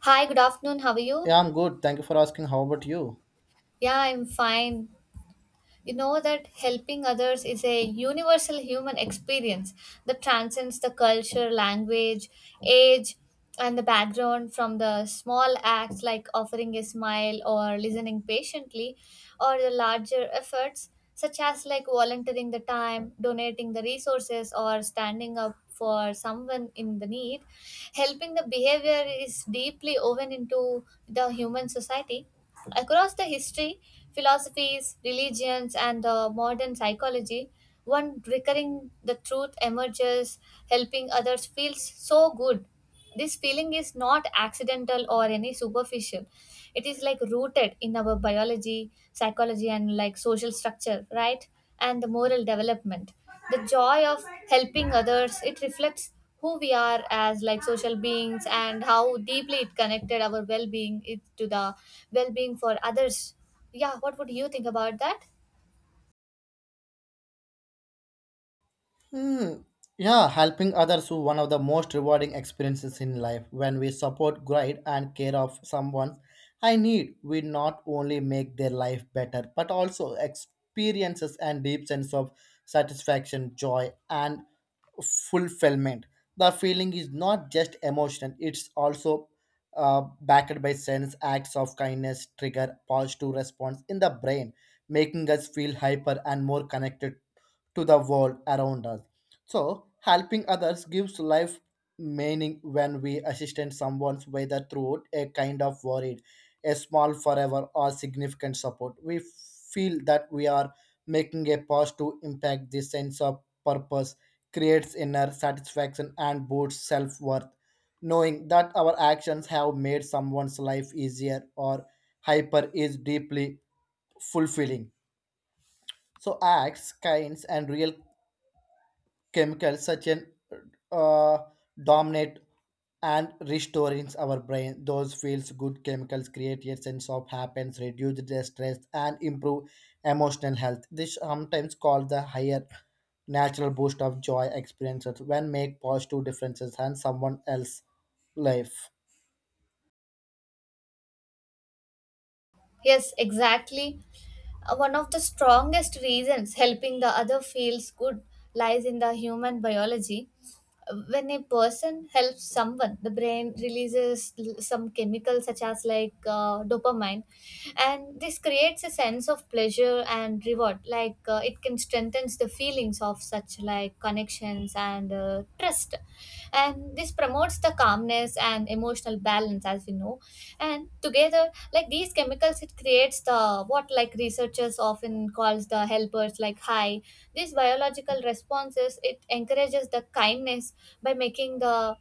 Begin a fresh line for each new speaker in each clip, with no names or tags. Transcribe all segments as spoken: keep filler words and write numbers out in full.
Hi, good afternoon. How are you?
Yeah, I'm good. Thank you for asking. How about you?
Yeah, I'm fine. You know that helping others is a universal human experience that transcends the culture, language, age, and the background, from the small acts like offering a smile or listening patiently, or the larger efforts such as like volunteering the time, donating the resources, or standing up for someone in the need. Helping the behavior is deeply woven into the human society. Across the history, philosophies, religions, and uh, modern psychology, one recurring the truth emerges. Helping others feels so good. This feeling is not accidental or any superficial. It is like rooted in our biology, psychology, and like social structure, right? And the moral development, the joy of helping others, it reflects who we are as like social beings and how deeply it connected our well-being it- to the well-being for others. Yeah, what would you think about that?
Hmm. Yeah, helping others is one of the most rewarding experiences in life. When we support, guide, and care of someone I need, we not only make their life better, but also experiences and deep sense of satisfaction, joy, and fulfillment. The feeling is not just emotional, it's also uh, backed by sense acts of kindness, trigger positive response in the brain, making us feel hyper and more connected to the world around us. So, helping others gives life meaning when we assist someone, whether through a kind of worried, a small forever, or significant support. We feel that we are making a positive impact. This sense of purpose creates inner satisfaction and boosts self worth. Knowing that our actions have made someone's life easier or hyper is deeply fulfilling. So acts, kinds, and real chemicals such as uh, dominate and restoring our brain. Those feels good chemicals create a sense of happiness, reduce the stress, and improve emotional health. This sometimes called the higher natural boost of joy experiences when make positive differences in someone else life.
Yes, exactly. Uh, One of the strongest reasons helping the other feels good lies in the human biology. When a person helps someone, the brain releases l- some chemicals such as like uh, dopamine, and this creates a sense of pleasure and reward. Like uh, it can strengthens the feelings of such like connections and uh, trust, and this promotes the calmness and emotional balance, as we know. And together like these chemicals, it creates the what like researchers often calls the helpers like high. These biological responses, it encourages the kindness by making the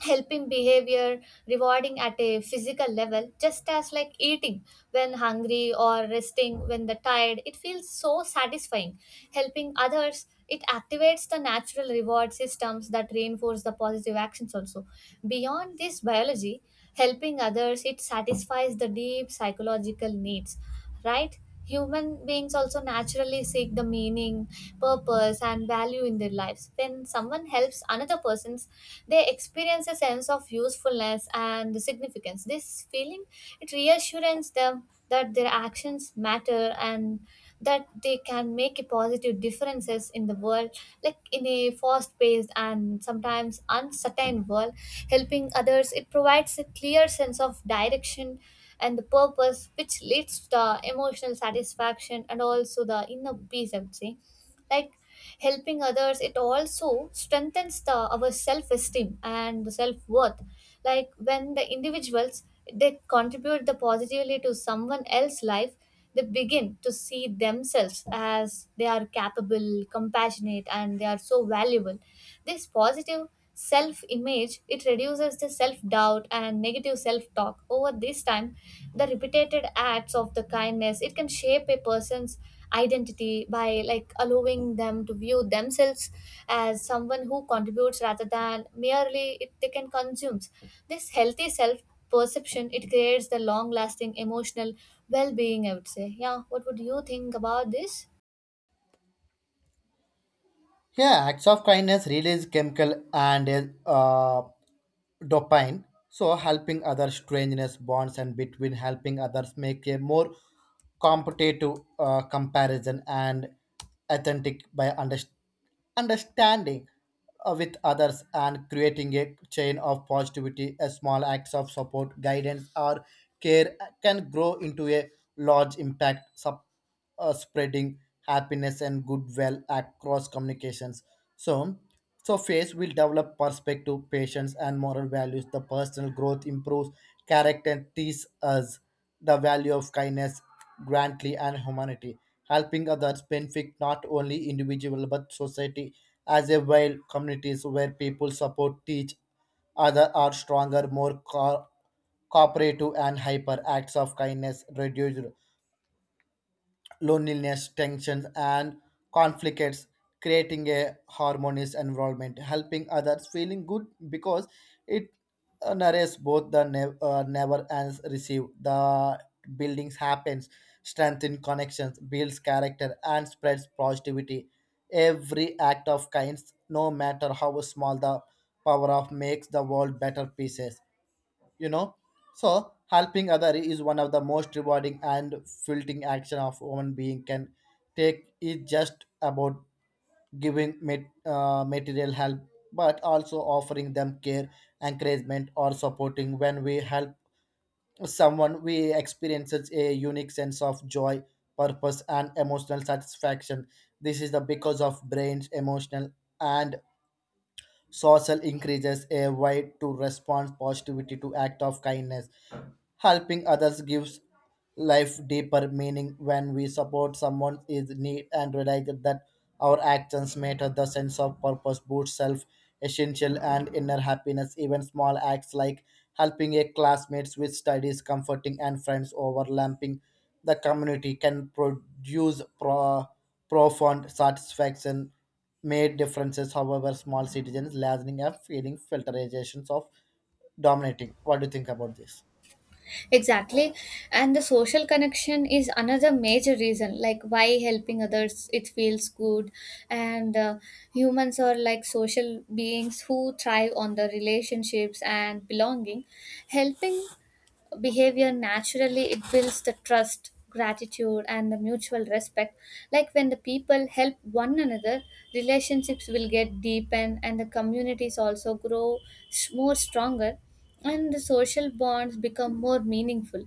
helping behavior rewarding at a physical level, just as like eating when hungry or resting when the tired, it feels so satisfying. Helping others, it activates the natural reward systems that reinforce the positive actions. Also, beyond this biology, helping others, it satisfies the deep psychological needs, right? Human beings also naturally seek the meaning, purpose, and value in their lives. When someone helps another person's, they experience a sense of usefulness and significance. This feeling, it reassures them that their actions matter and that they can make a positive differences in the world. Like in a fast paced and sometimes uncertain world, helping others, it provides a clear sense of direction and the purpose, which leads to the emotional satisfaction and also the inner peace, I would say. Like helping others, it also strengthens the our self-esteem and the self-worth. Like when the individuals, they contribute the positively to someone else's life, they begin to see themselves as they are capable, compassionate, and they are so valuable. This positive self-image, it reduces the self-doubt and negative self-talk. Over this time, the repeated acts of the kindness, it can shape a person's identity by like allowing them to view themselves as someone who contributes rather than merely it, they can consume. This healthy self perception, it creates the long lasting emotional well being, I would say. Yeah, what would you think about this?
Yeah, acts of kindness release chemical and uh, dopamine. So helping others strangeness bonds and between helping others make a more competitive uh, comparison and authentic by underst- understanding uh, with others and creating a chain of positivity. A small acts of support, guidance, or care can grow into a large impact uh, spreading happiness and goodwill across communications. So, so faith will develop perspective, patience, and moral values. The personal growth improves character and teaches us the value of kindness, grandly, and humanity. Helping others benefit not only individual but society as a whole. Communities where people support, teach, other are stronger, more co- cooperative, and hyper. Acts of kindness reduce loneliness, tensions, and conflicts, creating a harmonious environment, helping others, feeling good because it uh, narrates both the ne- uh, never and receive. The buildings happens, strengthen connections, builds character, and spreads positivity. Every act of kindness, no matter how small the power of, makes the world better pieces you know so helping other is one of the most rewarding and fulfilling action of human being can take is just about giving mat- uh, material help, but also offering them care, encouragement, or supporting. When we help someone, we experiences a unique sense of joy, purpose, and emotional satisfaction. This is the because of brains emotional and social increases a way to respond positivity to act of kindness. Helping others gives life deeper meaning when we support someone in need and realize that our actions matter. The sense of purpose boosts self essential and inner happiness. Even small acts like helping a classmate with studies, comforting and friends overlapping the community can produce pro- profound satisfaction, made differences however small citizens lessening and feeling filterizations of dominating. What do you think about this?
Exactly. And the social connection is another major reason, like why helping others, it feels good. And uh, humans are like social beings who thrive on the relationships and belonging. Helping behavior naturally, it builds the trust, gratitude, and the mutual respect. Like when the people help one another, relationships will get deepened and the communities also grow s- more stronger, and the social bonds become more meaningful.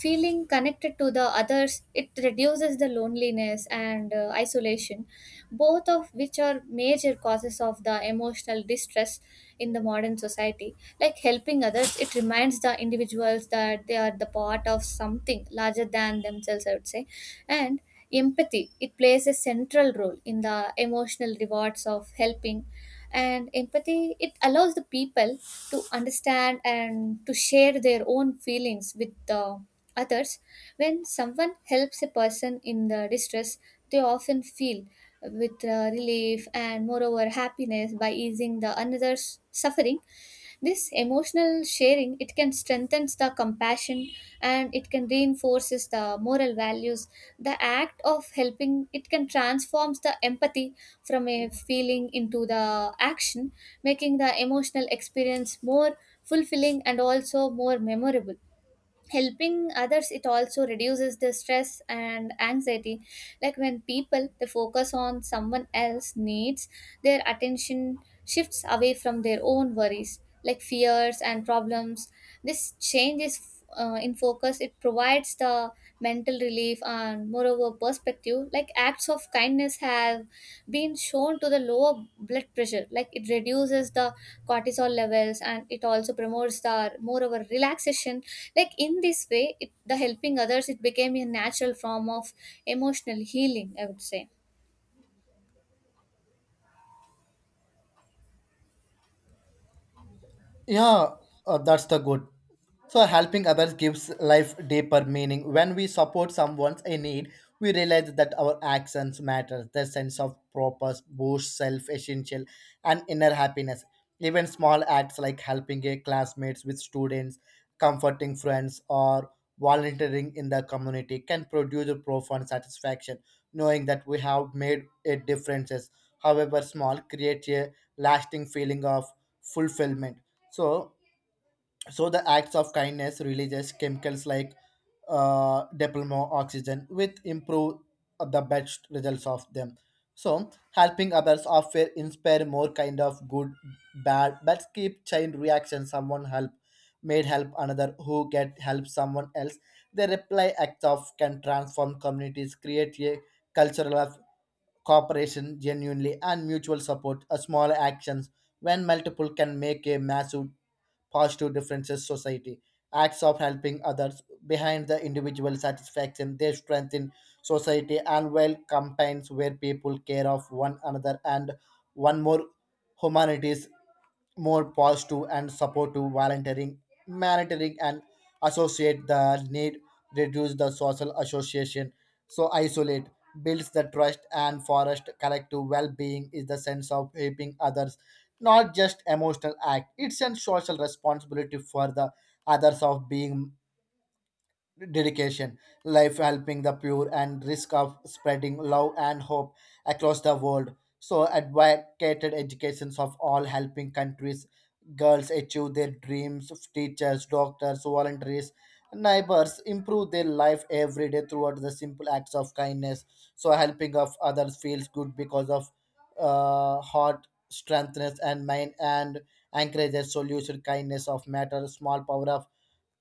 Feeling connected to the others, it reduces the loneliness and uh, isolation, both of which are major causes of the emotional distress in the modern society. Like helping others, it reminds the individuals that they are the part of something larger than themselves, I would say. And empathy, it plays a central role in the emotional rewards of helping. And empathy, it allows the people to understand and to share their own feelings with the others. When someone helps a person in the distress, they often feel with uh, relief and moreover happiness by easing the another's suffering. This emotional sharing, it can strengthen the compassion, and it can reinforces the moral values. The act of helping, it can transforms the empathy from a feeling into the action, making the emotional experience more fulfilling and also more memorable. Helping others, it also reduces the stress and anxiety. Like when people, they focus on someone else needs, their attention shifts away from their own worries, like fears and problems. This change is uh, in focus, it provides the mental relief, belief, and moreover perspective. Like acts of kindness have been shown to the lower blood pressure, like it reduces the cortisol levels, and it also promotes the moreover relaxation. Like in this way it, the helping others, it became a natural form of emotional healing, I would say.
Yeah, uh, that's the good. So helping others gives life deeper meaning. When we support someone in need, we realize that our actions matter. Their sense of purpose boosts self-essential and inner happiness. Even small acts like helping a classmates with students, comforting friends, or volunteering in the community can produce a profound satisfaction, knowing that we have made a difference. However small, creates a lasting feeling of fulfillment. So, so the acts of kindness releases chemicals like uh, diplomo oxygen, which improve the best results of them. So, helping others often inspire more kind of good, bad, but keep chain reaction. Someone help, made help another who get help someone else. The reply acts of can transform communities, create a cultural of cooperation genuinely and mutual support. A small actions when multiple can make a massive positive differences society. Acts of helping others behind the individual satisfaction, they strengthen society and well campaigns where people care of one another and one more humanities more positive and supportive volunteering, humanitarian and associate the need, reduce the social association, so isolate, builds the trust and forest collective well-being is the sense of helping others, not just emotional act. It's a social responsibility for the others of being dedication, life helping the pure, and risk of spreading love and hope across the world. So, advocated educations of all helping countries, girls achieve their dreams, teachers, doctors, voluntaries, neighbors improve their life every day throughout the simple acts of kindness. So, helping of others feels good because of uh, heart strengthness and mind and encourages solution kindness of matter small power of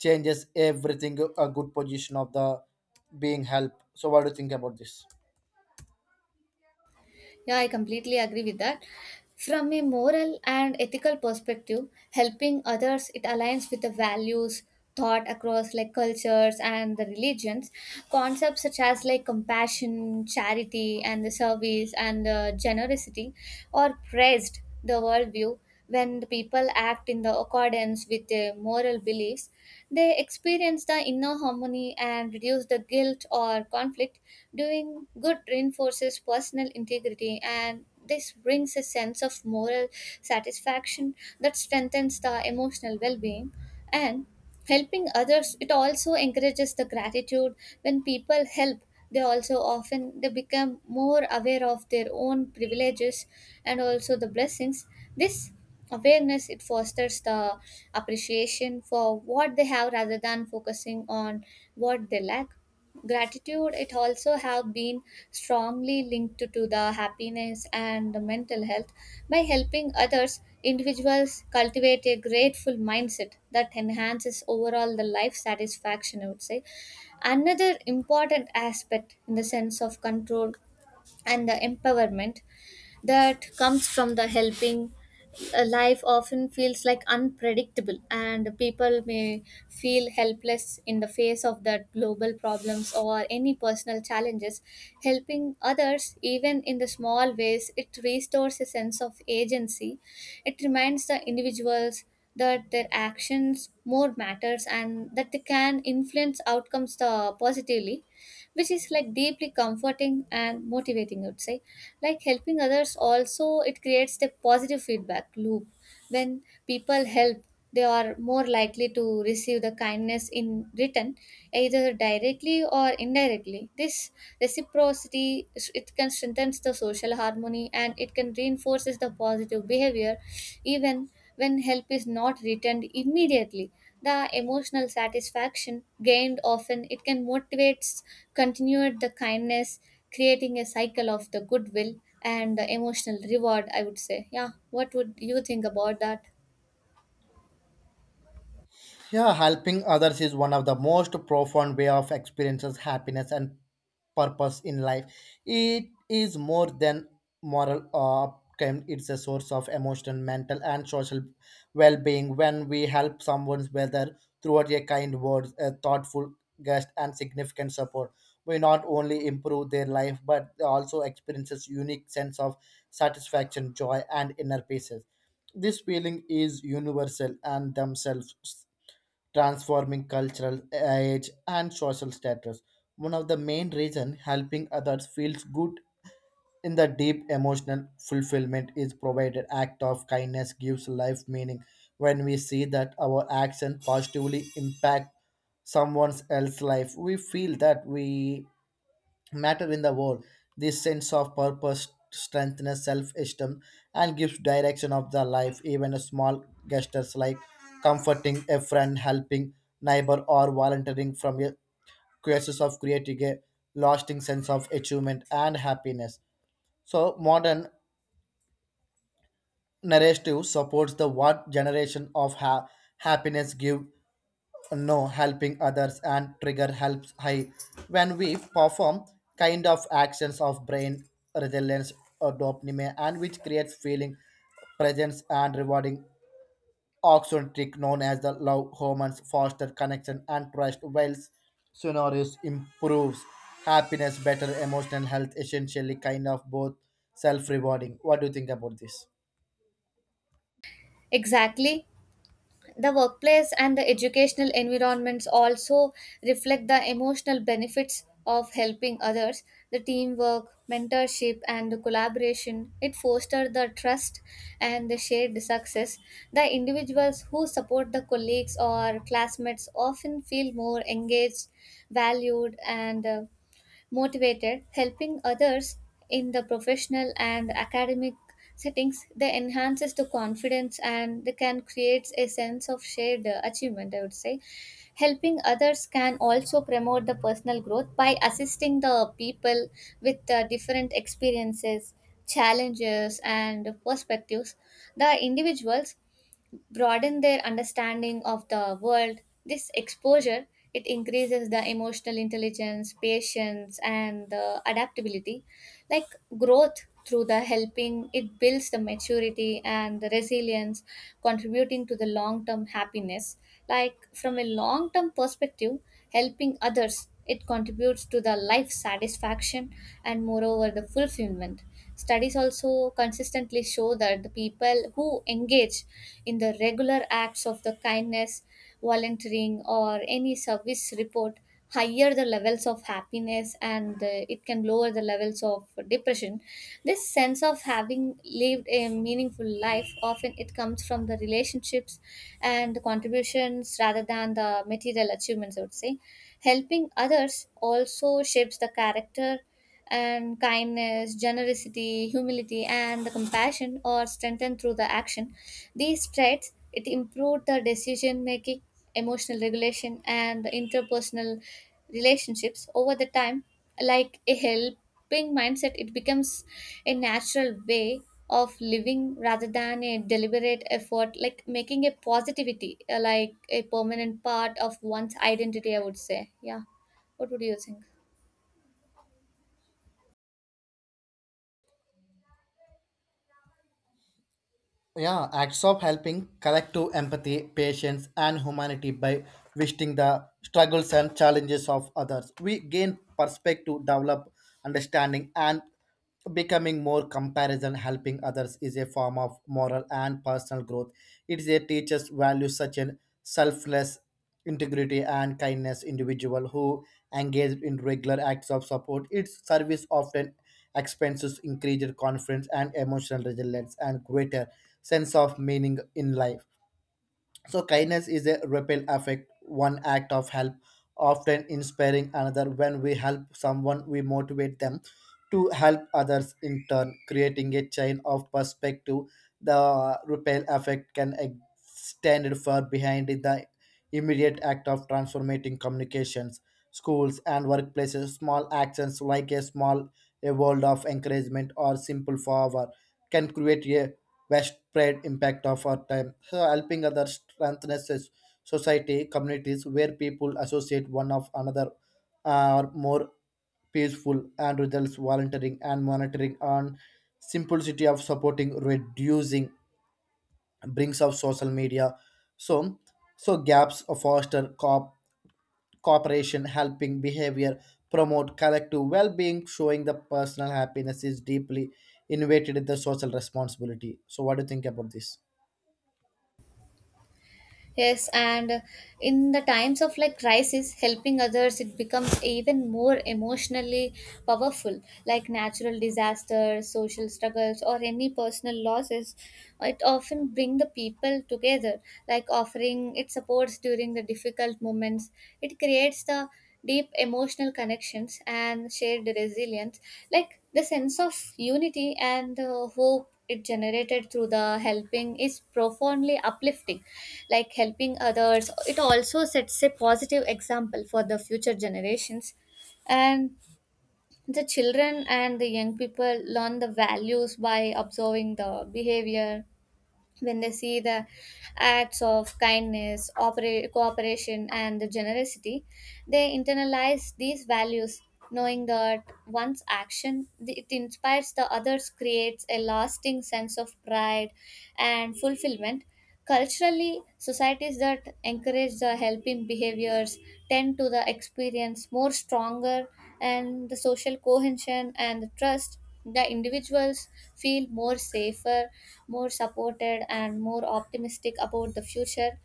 changes everything a good position of the being help. So what do you think about this?
Yeah, I completely agree with that. From a moral and ethical perspective, helping others, it aligns with the values taught across like cultures and the religions. Concepts such as like compassion, charity, and the service and the generosity are praised the worldview. When the people act in the accordance with their moral beliefs, they experience the inner harmony and reduce the guilt or conflict. Doing good reinforces personal integrity, and this brings a sense of moral satisfaction that strengthens the emotional well being. And helping others, it also encourages the gratitude. When people help, they also often they become more aware of their own privileges and also the blessings. This awareness, it fosters the appreciation for what they have rather than focusing on what they lack. Gratitude, it also have been strongly linked to, to the happiness and the mental health. By helping others, individuals cultivate a grateful mindset that enhances overall the life satisfaction, I would say. Another important aspect in the sense of control and the empowerment that comes from the helping, uh, life often feels like unpredictable, and people may feel helpless in the face of that global problems or any personal challenges. Helping others, even in the small ways, it restores a sense of agency. It reminds the individuals that their actions more matters and that they can influence outcomes uh, positively, which is like deeply comforting and motivating, I would say. Like helping others, also it creates the positive feedback loop. When people help, they are more likely to receive the kindness in return, either directly or indirectly. This reciprocity, it can strengthen the social harmony, and it can reinforces the positive behavior. Even when help is not returned immediately, the emotional satisfaction gained often it can motivates continued the kindness, creating a cycle of the goodwill and the emotional reward, I would say. Yeah, what would you think about that?
Yeah, helping others is one of the most profound way of experiences happiness and purpose in life. It is more than moral outcome; it's a source of emotional, mental, and social well-being. When we help someone, whether through a kind word, a thoughtful guest, and significant support, we not only improve their life but also experiences unique sense of satisfaction, joy, and inner peace. This feeling is universal and themselves transforming cultural age and social status. One of the main reasons helping others feels good in the deep emotional fulfillment is provided act of kindness gives life meaning. When we see that our action positively impact someone else's life, we feel that we matter in the world. This sense of purpose strengthens self-esteem and gives direction of the life. Even a small gestures like comforting a friend, helping neighbor, or volunteering from a crisis of creating a lasting sense of achievement and happiness. So modern narrative supports the what generation of ha- happiness give no helping others and trigger helps high. When we perform kind of actions of brain resilience or dopamine and which creates feeling presence and rewarding, oxytocin trick known as the love hormones foster connection and trust while scenarios improves happiness better emotional health essentially kind of both self-rewarding. What do you think about this?
Exactly. The workplace and the educational environments also reflect the emotional benefits of helping others. The teamwork, mentorship, and the collaboration, it fosters the trust and the shared success. The individuals who support the colleagues or classmates often feel more engaged, valued, and uh, motivated. Helping others in the professional and academic settings, they enhances the confidence, and they can create a sense of shared uh, achievement, I would say. Helping others can also promote the personal growth by assisting the people with uh, different experiences, challenges, and perspectives. The individuals broaden their understanding of the world. This exposure, it increases the emotional intelligence, patience, and the adaptability. Like growth through the helping, it builds the maturity and the resilience, contributing to the long term happiness. Like from a long term perspective, helping others, it contributes to the life satisfaction and moreover the fulfillment. Studies also consistently show that the people who engage in the regular acts of the kindness, volunteering, or any service report higher the levels of happiness, and uh, it can lower the levels of depression. This sense of having lived a meaningful life often it comes from the relationships and the contributions rather than the material achievements, I would say. Helping others also shapes the character, and kindness, generosity, humility, and the compassion are strengthened through the action. These traits, it improved the decision making, emotional regulation, and the interpersonal relationships over the time. Like a helping mindset, it becomes a natural way of living rather than a deliberate effort, like making a positivity uh, like a permanent part of one's identity, I would say. Yeah, what would you think?
Yeah, acts of helping collective empathy patience and humanity by visiting the struggles and challenges of others, we gain perspective, develop understanding, and becoming more comparison. Helping others is a form of moral and personal growth. It is a teacher's values such as selfless, integrity, and kindness. Individual who engage in regular acts of support its service often expenses increased confidence and emotional resilience and greater sense of meaning in life. So kindness is a ripple effect, one act of help often inspiring another. When we help someone, we motivate them to help others in turn, creating a chain of perspective. The ripple effect can extend far behind the immediate act of transforming communications, schools and workplaces. Small actions like a small a world of encouragement or simple favor can create a widespread impact of our time. So helping others strengthens a society, communities where people associate one of another are more peaceful and results volunteering and monitoring on simplicity of supporting reducing brings of social media. So so gaps foster co- cooperation helping behavior promote collective well-being showing the personal happiness is deeply innovated in the social responsibility. So what do you think about this?
Yes, and in the times of like crisis, helping others, it becomes even more emotionally powerful. Like natural disasters, social struggles, or any personal losses, it often bring the people together. Like offering it supports during the difficult moments, it creates the deep emotional connections and shared resilience. Like the sense of unity and uh, hope, it generated through the helping is profoundly uplifting. Like helping others, it also sets a positive example for the future generations, and the children and the young people learn the values by observing the behavior. When they see the acts of kindness, opera- cooperation, and the generosity, they internalize these values, knowing that one's action, it inspires the others, creates a lasting sense of pride and fulfillment. Culturally, societies that encourage the helping behaviors tend to the experience more stronger and the social cohesion and the trust. The individuals feel more safer, more supported and more optimistic about the future,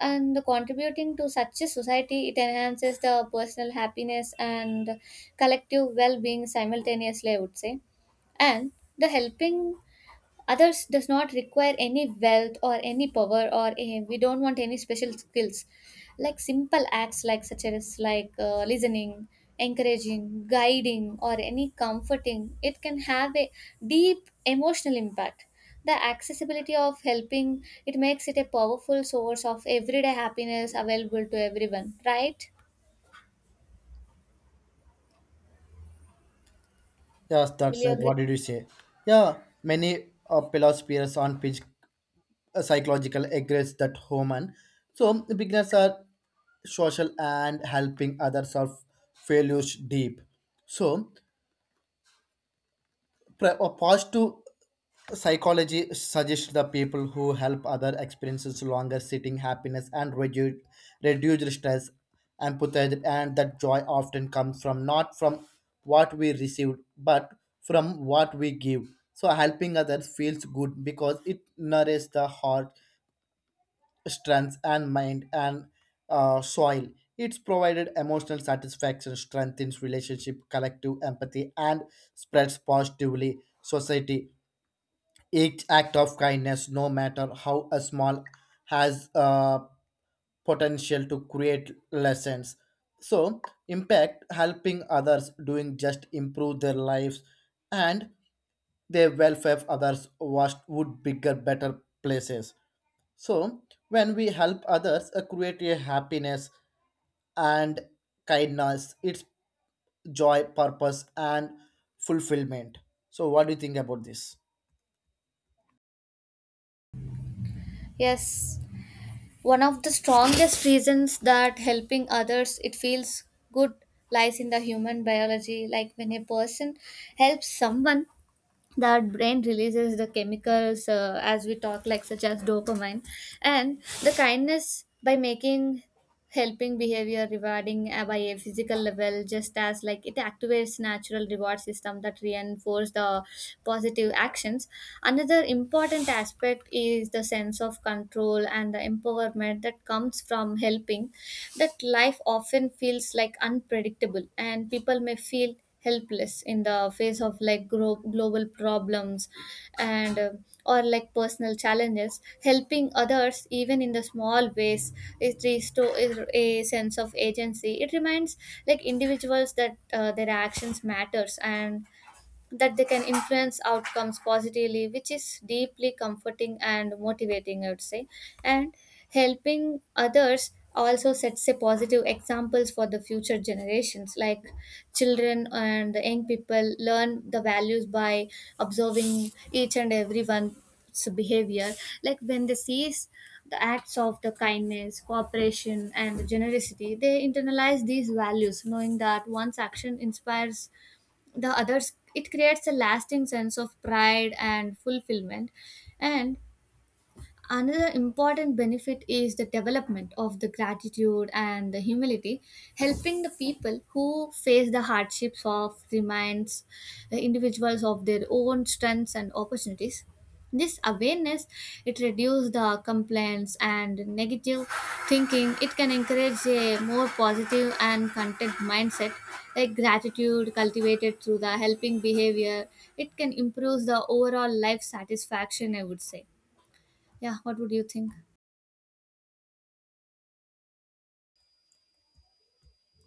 and contributing to such a society it enhances the personal happiness and collective well-being simultaneously, I would say. And the helping others does not require any wealth or any power or eh, we don't want any special skills, like simple acts like such as like uh, listening, encouraging, guiding or any comforting, it can have a deep emotional impact. The accessibility of helping it makes it a powerful source of everyday happiness available to everyone, right?
Yes,
Will
that's
you
right.
agree?
What did you say? Yeah, many uh, philosophers on phys- uh, psychological agrees that human. So beginners are social and helping others are failures deep. So Pre- a positive psychology suggests the people who help other experiences longer sitting happiness and reduce reduced stress, empathy, and that joy often comes from not from what we received but from what we give. So helping others feels good because it nourishes the heart strength and mind and uh, soil. It's provided emotional satisfaction, strengthens relationship, collective empathy, and spreads positively society. Each act of kindness, no matter how a small, has uh, potential to create lessons. So, impact helping others doing just improve their lives and their welfare of others was would bigger, better places. So, when we help others uh, create a happiness and kindness, it's joy, purpose, and fulfillment. So, what do you think about this?
Yes, one of the strongest reasons that helping others it feels good lies in the human biology. Like when a person helps someone, that brain releases the chemicals, uh, as we talk, like such as dopamine and the kindness, by making helping behavior rewarding uh, by a physical level, just as like it activates natural reward system that reinforce the positive actions. Another important aspect is the sense of control and the empowerment that comes from helping. That life often feels like unpredictable and people may feel helpless in the face of like gro- global problems and uh, or like personal challenges. Helping others even in the small ways is restore is a sense of agency. It reminds like individuals that uh, their actions matters and that they can influence outcomes positively, which is deeply comforting and motivating, I would say. And helping others also sets a positive examples for the future generations, like children and the young people learn the values by observing each and everyone's behavior. Like when they see the acts of the kindness, cooperation and generosity, they internalize these values, knowing that one's action inspires the others, it creates a lasting sense of pride and fulfillment. And another important benefit is the development of the gratitude and the humility. Helping the people who face the hardships of reminds the individuals of their own strengths and opportunities. This awareness it reduces the complaints and negative thinking. It can encourage a more positive and content mindset. Like gratitude cultivated through the helping behavior, it can improve the overall life satisfaction, I would say. Yeah, what would you think?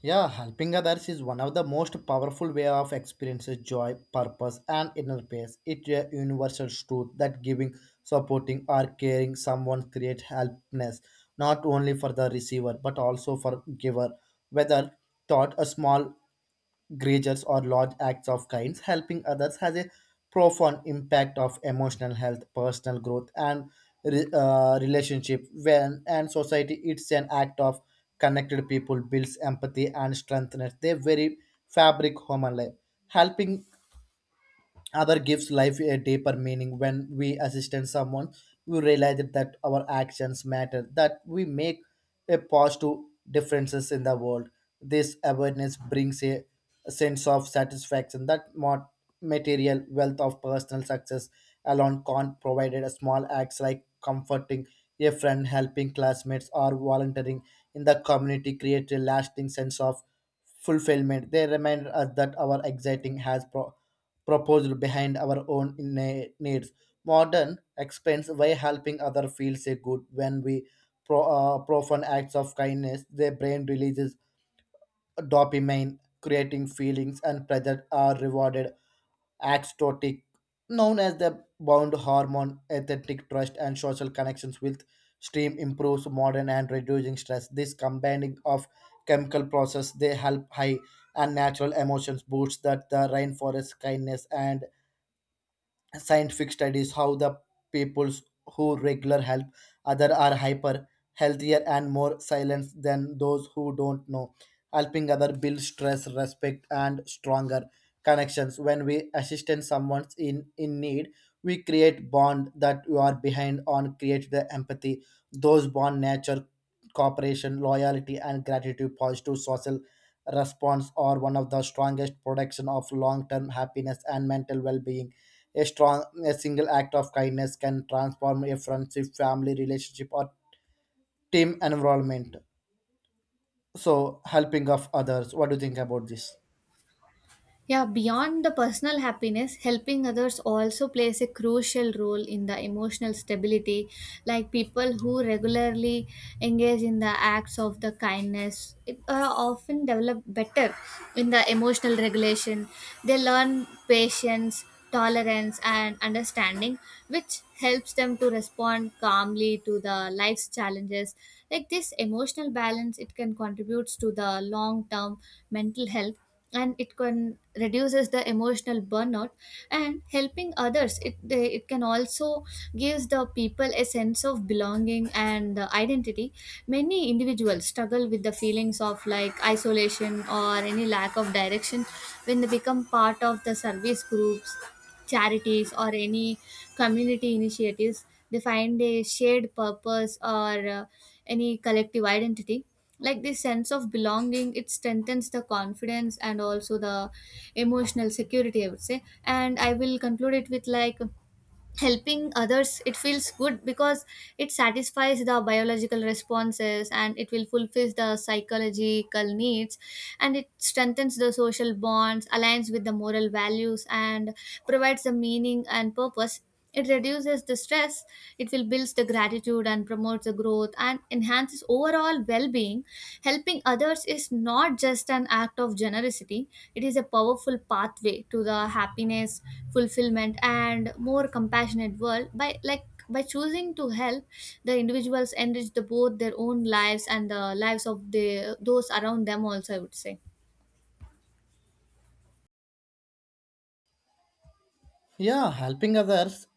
Yeah, helping others is one of the most powerful way of experiences joy, purpose, and inner peace. It's a universal truth that giving, supporting, or caring someone creates helpness not only for the receiver but also for giver. Whether taught a small gestures or large acts of kindness, helping others has a profound impact of emotional health, personal growth, and re- uh, relationship when and society. It's an act of connected people, builds empathy, and strengthens the very fabric human life. Helping other gives life a deeper meaning when we assist someone. We realize that our actions matter, that we make a positive differences in the world. This awareness brings a sense of satisfaction that more material wealth of personal success alone can't provide. A small acts like comforting a friend, helping classmates, or volunteering in the community create a lasting sense of fulfillment. They remind us that our exciting has pro- proposed behind our own inne- needs. Modern expense by helping other feels a good when we pro, uh, profound acts of kindness. Their brain releases dopamine, creating feelings and pleasure are rewarded. Axtotic, known as the bound hormone, authentic trust and social connections with stream improves modern and reducing stress. This combining of chemical process they help high and natural emotions boosts that the rainforest kindness and scientific studies how the peoples who regular help other are hyper healthier and more silent than those who don't know helping other build stress respect and stronger connections. When we assist someone in in need, we create bond that you are behind on create the empathy. Those bond nature cooperation, loyalty, and gratitude positive social response are one of the strongest protection of long-term happiness and mental well-being. A strong, a single act of kindness can transform a friendship, family relationship, or team environment. So, helping of others. What do you think about this?
Yeah, beyond the personal happiness, helping others also plays a crucial role in the emotional stability. Like people who regularly engage in the acts of the kindness it, uh, often develop better in the emotional regulation. They learn patience, tolerance, and understanding, which helps them to respond calmly to the life's challenges. Like this emotional balance, it can contributes to the long-term mental health and it can reduces the emotional burnout. And helping others it they- it can also gives the people a sense of belonging and uh, identity. Many individuals struggle with the feelings of like isolation or any lack of direction. When they become part of the service groups, charities or any community initiatives, they find a shared purpose or uh, any collective identity. Like this sense of belonging it strengthens the confidence and also the emotional security, I would say. And I will conclude it with, like, helping others it feels good because it satisfies the biological responses and it will fulfill the psychological needs and it strengthens the social bonds, aligns with the moral values and provides the meaning and purpose. It reduces the stress, it will build the gratitude and promotes the growth and enhances overall well being. Helping others is not just an act of generosity, it is a powerful pathway to the happiness, fulfillment, and more compassionate world. By like by choosing to help, the individuals enrich the both their own lives and the lives of the those around them also, I would say.
Yeah, helping others,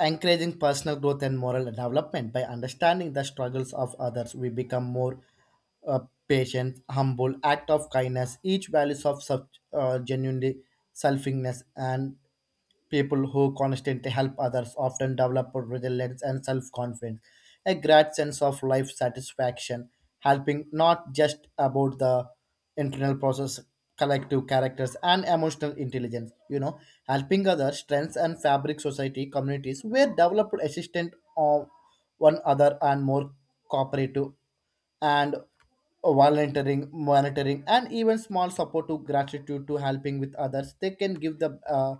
encouraging personal growth and moral development by understanding the struggles of others, we become more uh, patient, humble, act of kindness, each values of such uh, genuinely selfingness and people who constantly help others often develop resilience and self confidence, a great sense of life satisfaction. Helping not just about the internal process, collective characters, and emotional intelligence. You know, helping others strengths and fabric society communities where developed assistant of one other and more cooperative and volunteering monitoring and even small support to gratitude to helping with others, they can give the uh,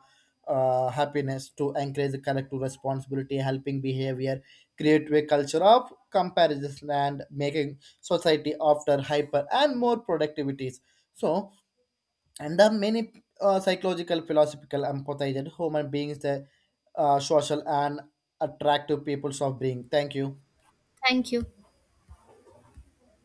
uh, happiness to encourage the collective responsibility. Helping behavior create a culture of comparison and making society after hyper and more productivities. So and there are many uh, psychological philosophical empathized human beings the uh, social and attractive peoples of being. Thank you.
Thank you.